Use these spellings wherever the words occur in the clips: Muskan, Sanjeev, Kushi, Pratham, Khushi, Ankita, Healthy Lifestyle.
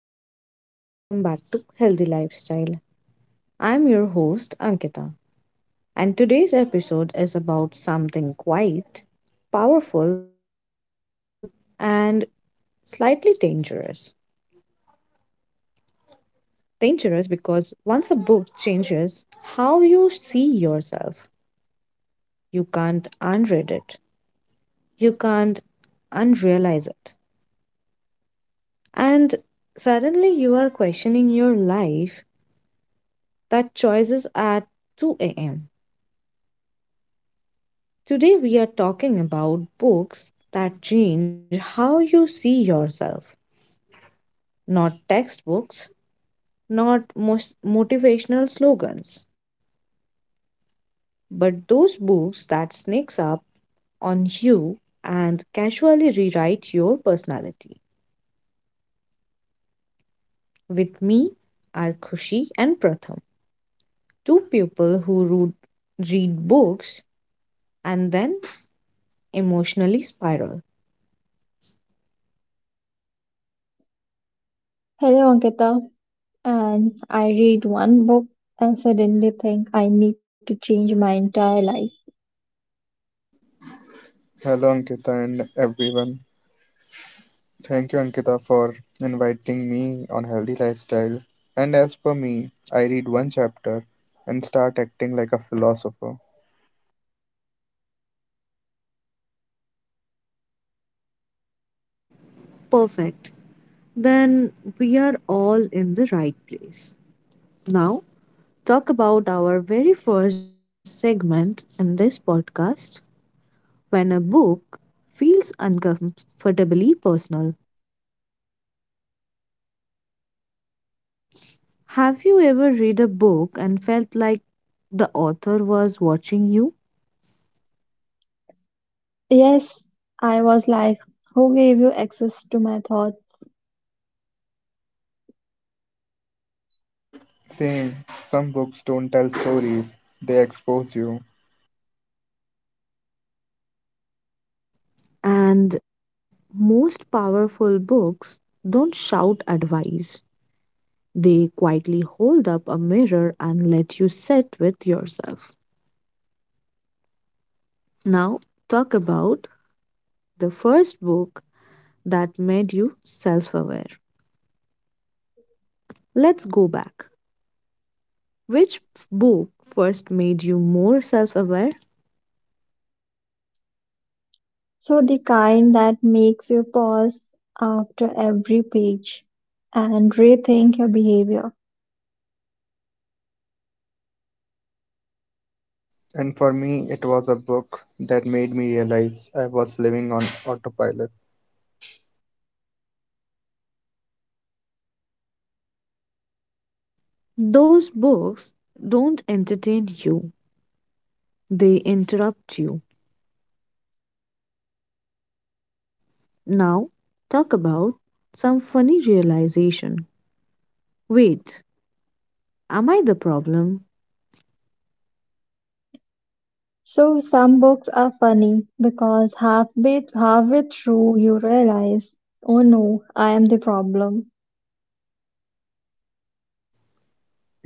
everyone, and welcome back to Healthy Lifestyle. I'm your host, Ankita, and today's episode is about something quite powerful and slightly dangerous. Dangerous because once a book changes how you see yourself, you can't unread it, you can't unrealize it, and suddenly you are questioning your life that choices at 2 a.m. Today, we are talking about books that change how you see yourself. Not textbooks, not motivational slogans, but those books that sneaks up on you and casually rewrite your personality. With me are Khushi and Pratham, two people who read books and then emotionally spiral. Hello Ankita, and I read one book and suddenly think I need to change my entire life. Hello, Ankita, and everyone. Thank you, Ankita, for inviting me on Healthy Lifestyle. And as per me, I read one chapter and start acting like a philosopher. Perfect. Then we are all in the right place. Now, talk about our very first segment in this podcast when a book feels uncomfortably personal. Have you ever read a book and felt like the author was watching you? Yes, I was like, who gave you access to my thoughts? Same, some books don't tell stories, they expose you. And most powerful books don't shout advice, they quietly hold up a mirror and let you sit with yourself. Now, talk about the first book that made you self aware. Let's go back. Which book first made you more self aware? So the kind that makes you pause after every page and rethink your behavior. And for me, it was a book that made me realize I was living on autopilot. Those books don't entertain you, they interrupt you. Now, talk about some funny realization. Wait, am I the problem? So some books are funny because halfway through you realize, oh no, I am the problem.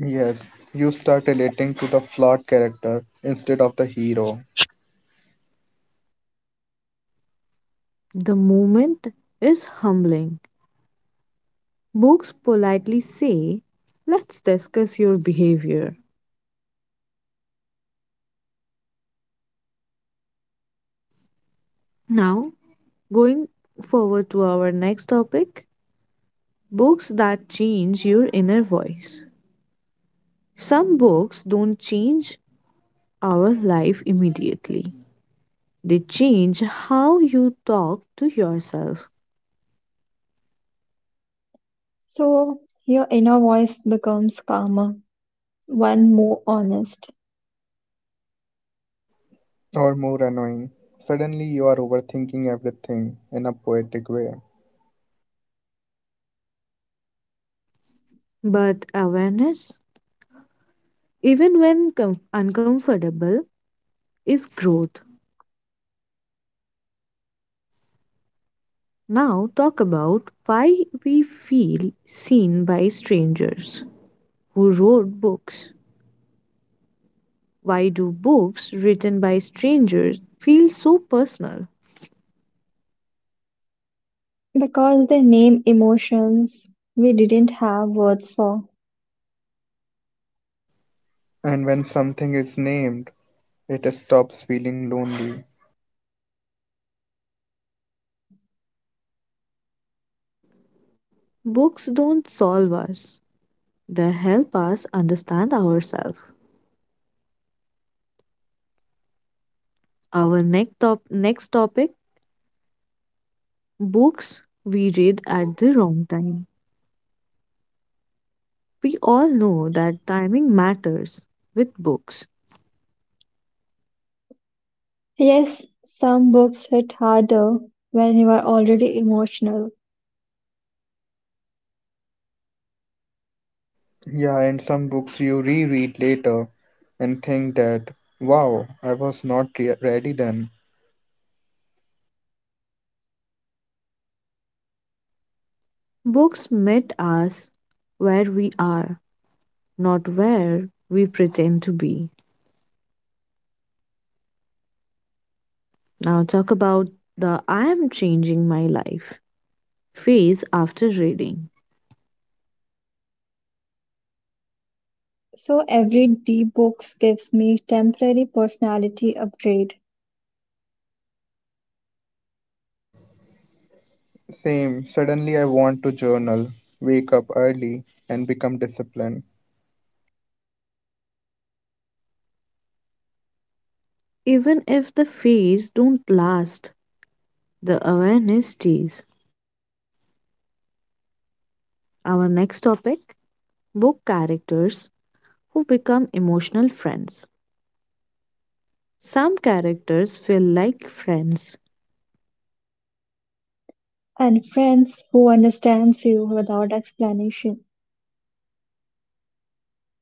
Yes, you start relating to the flawed character instead of the hero, The moment is humbling. Books politely say, let's discuss your behavior. Now, going forward to our next topic books that change your inner voice. Some books don't change our life immediately. They change how you talk to yourself. So your inner voice becomes calmer one more honest or more annoying. Suddenly, you are overthinking everything in a poetic way. But awareness, even when uncomfortable, is growth. Now, talk about why we feel seen by strangers who wrote books. Why do books written by strangers feel so personal? because they name emotions we didn't have words for. And when something is named, it stops feeling lonely. Books don't solve us, they help us understand ourselves. Our next topic books we read at the wrong time. We all know that timing matters with books. Yes, some books hit harder when you are already emotional. Yeah, and some books you reread later and think that, wow, I was not ready then. Books meet us where we are, not where we pretend to be. Now, talk about the I am changing my life phase after reading. So every deep book gives me temporary personality upgrade Same, suddenly I want to journal, wake up early, and become disciplined. Even if the phase don't last, the awareness stays. Our next topic book characters who become emotional friends. Some characters feel like friends. and friends who understands you without explanation.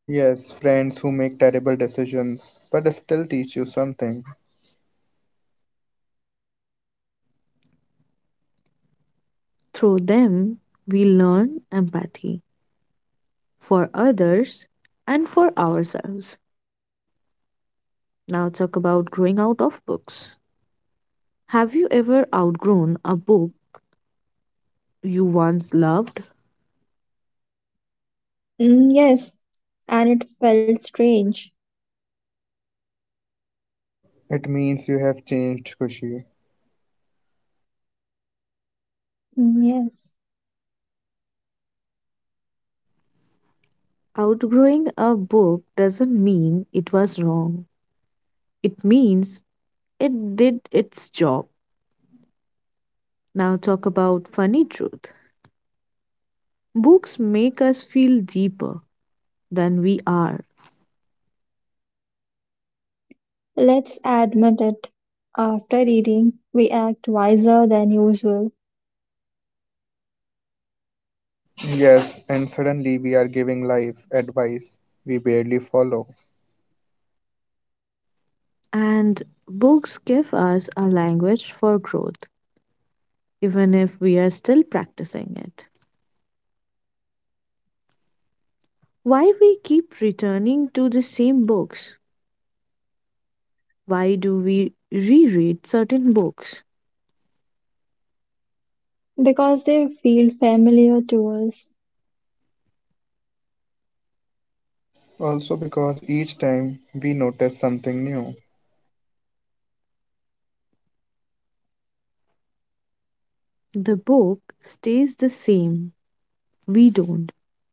Yes, friends who make terrible decisions but still teach you something. Through them, we learn empathy for others and for ourselves. Now, talk about growing out of books. Have you ever outgrown a book you once loved? Mm, yes, and it felt strange. It means you have changed, Kushi. Mm, yes, Outgrowing a book doesn't mean it was wrong, it means it did its job. Now, talk about funny truth. Books make us feel deeper than we are, let's admit it. After reading, we act wiser than usual. Yes, and suddenly we are giving life advice we barely follow. and books give us a language for growth, even if we are still practicing it. Why we keep returning to the same books? Why do we reread certain books? Because they feel familiar to us, Also because each time we notice something new The book stays the same. We don't.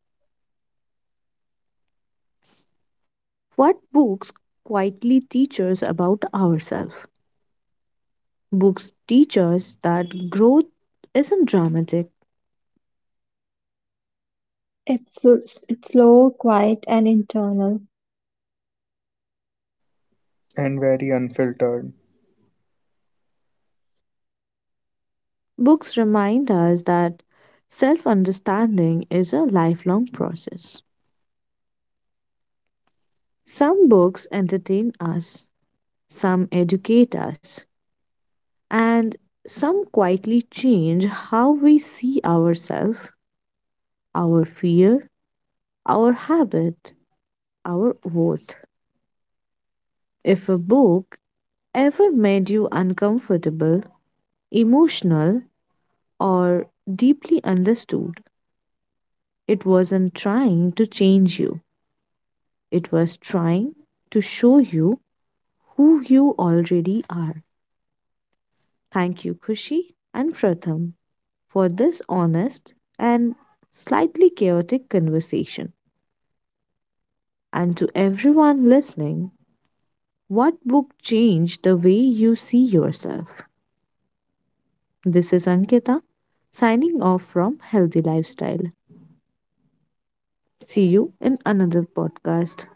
What books quietly teach us about ourselves? Books teach us that growth isn't dramatic. it's slow, quiet, and internal. and very unfiltered. Books remind us that self understanding is a lifelong process. Some books entertain us, some educate us, and some quietly change how we see ourselves, our fear, our habit, our worth. If a book ever made you uncomfortable, emotional, or deeply understood, it wasn't trying to change you, it was trying to show you who you already are. Thank you, Kushi and Pratham, for this honest and slightly chaotic conversation. And to everyone listening, what book changed the way you see yourself? This is Ankita signing off from Healthy Lifestyle. See you in another podcast.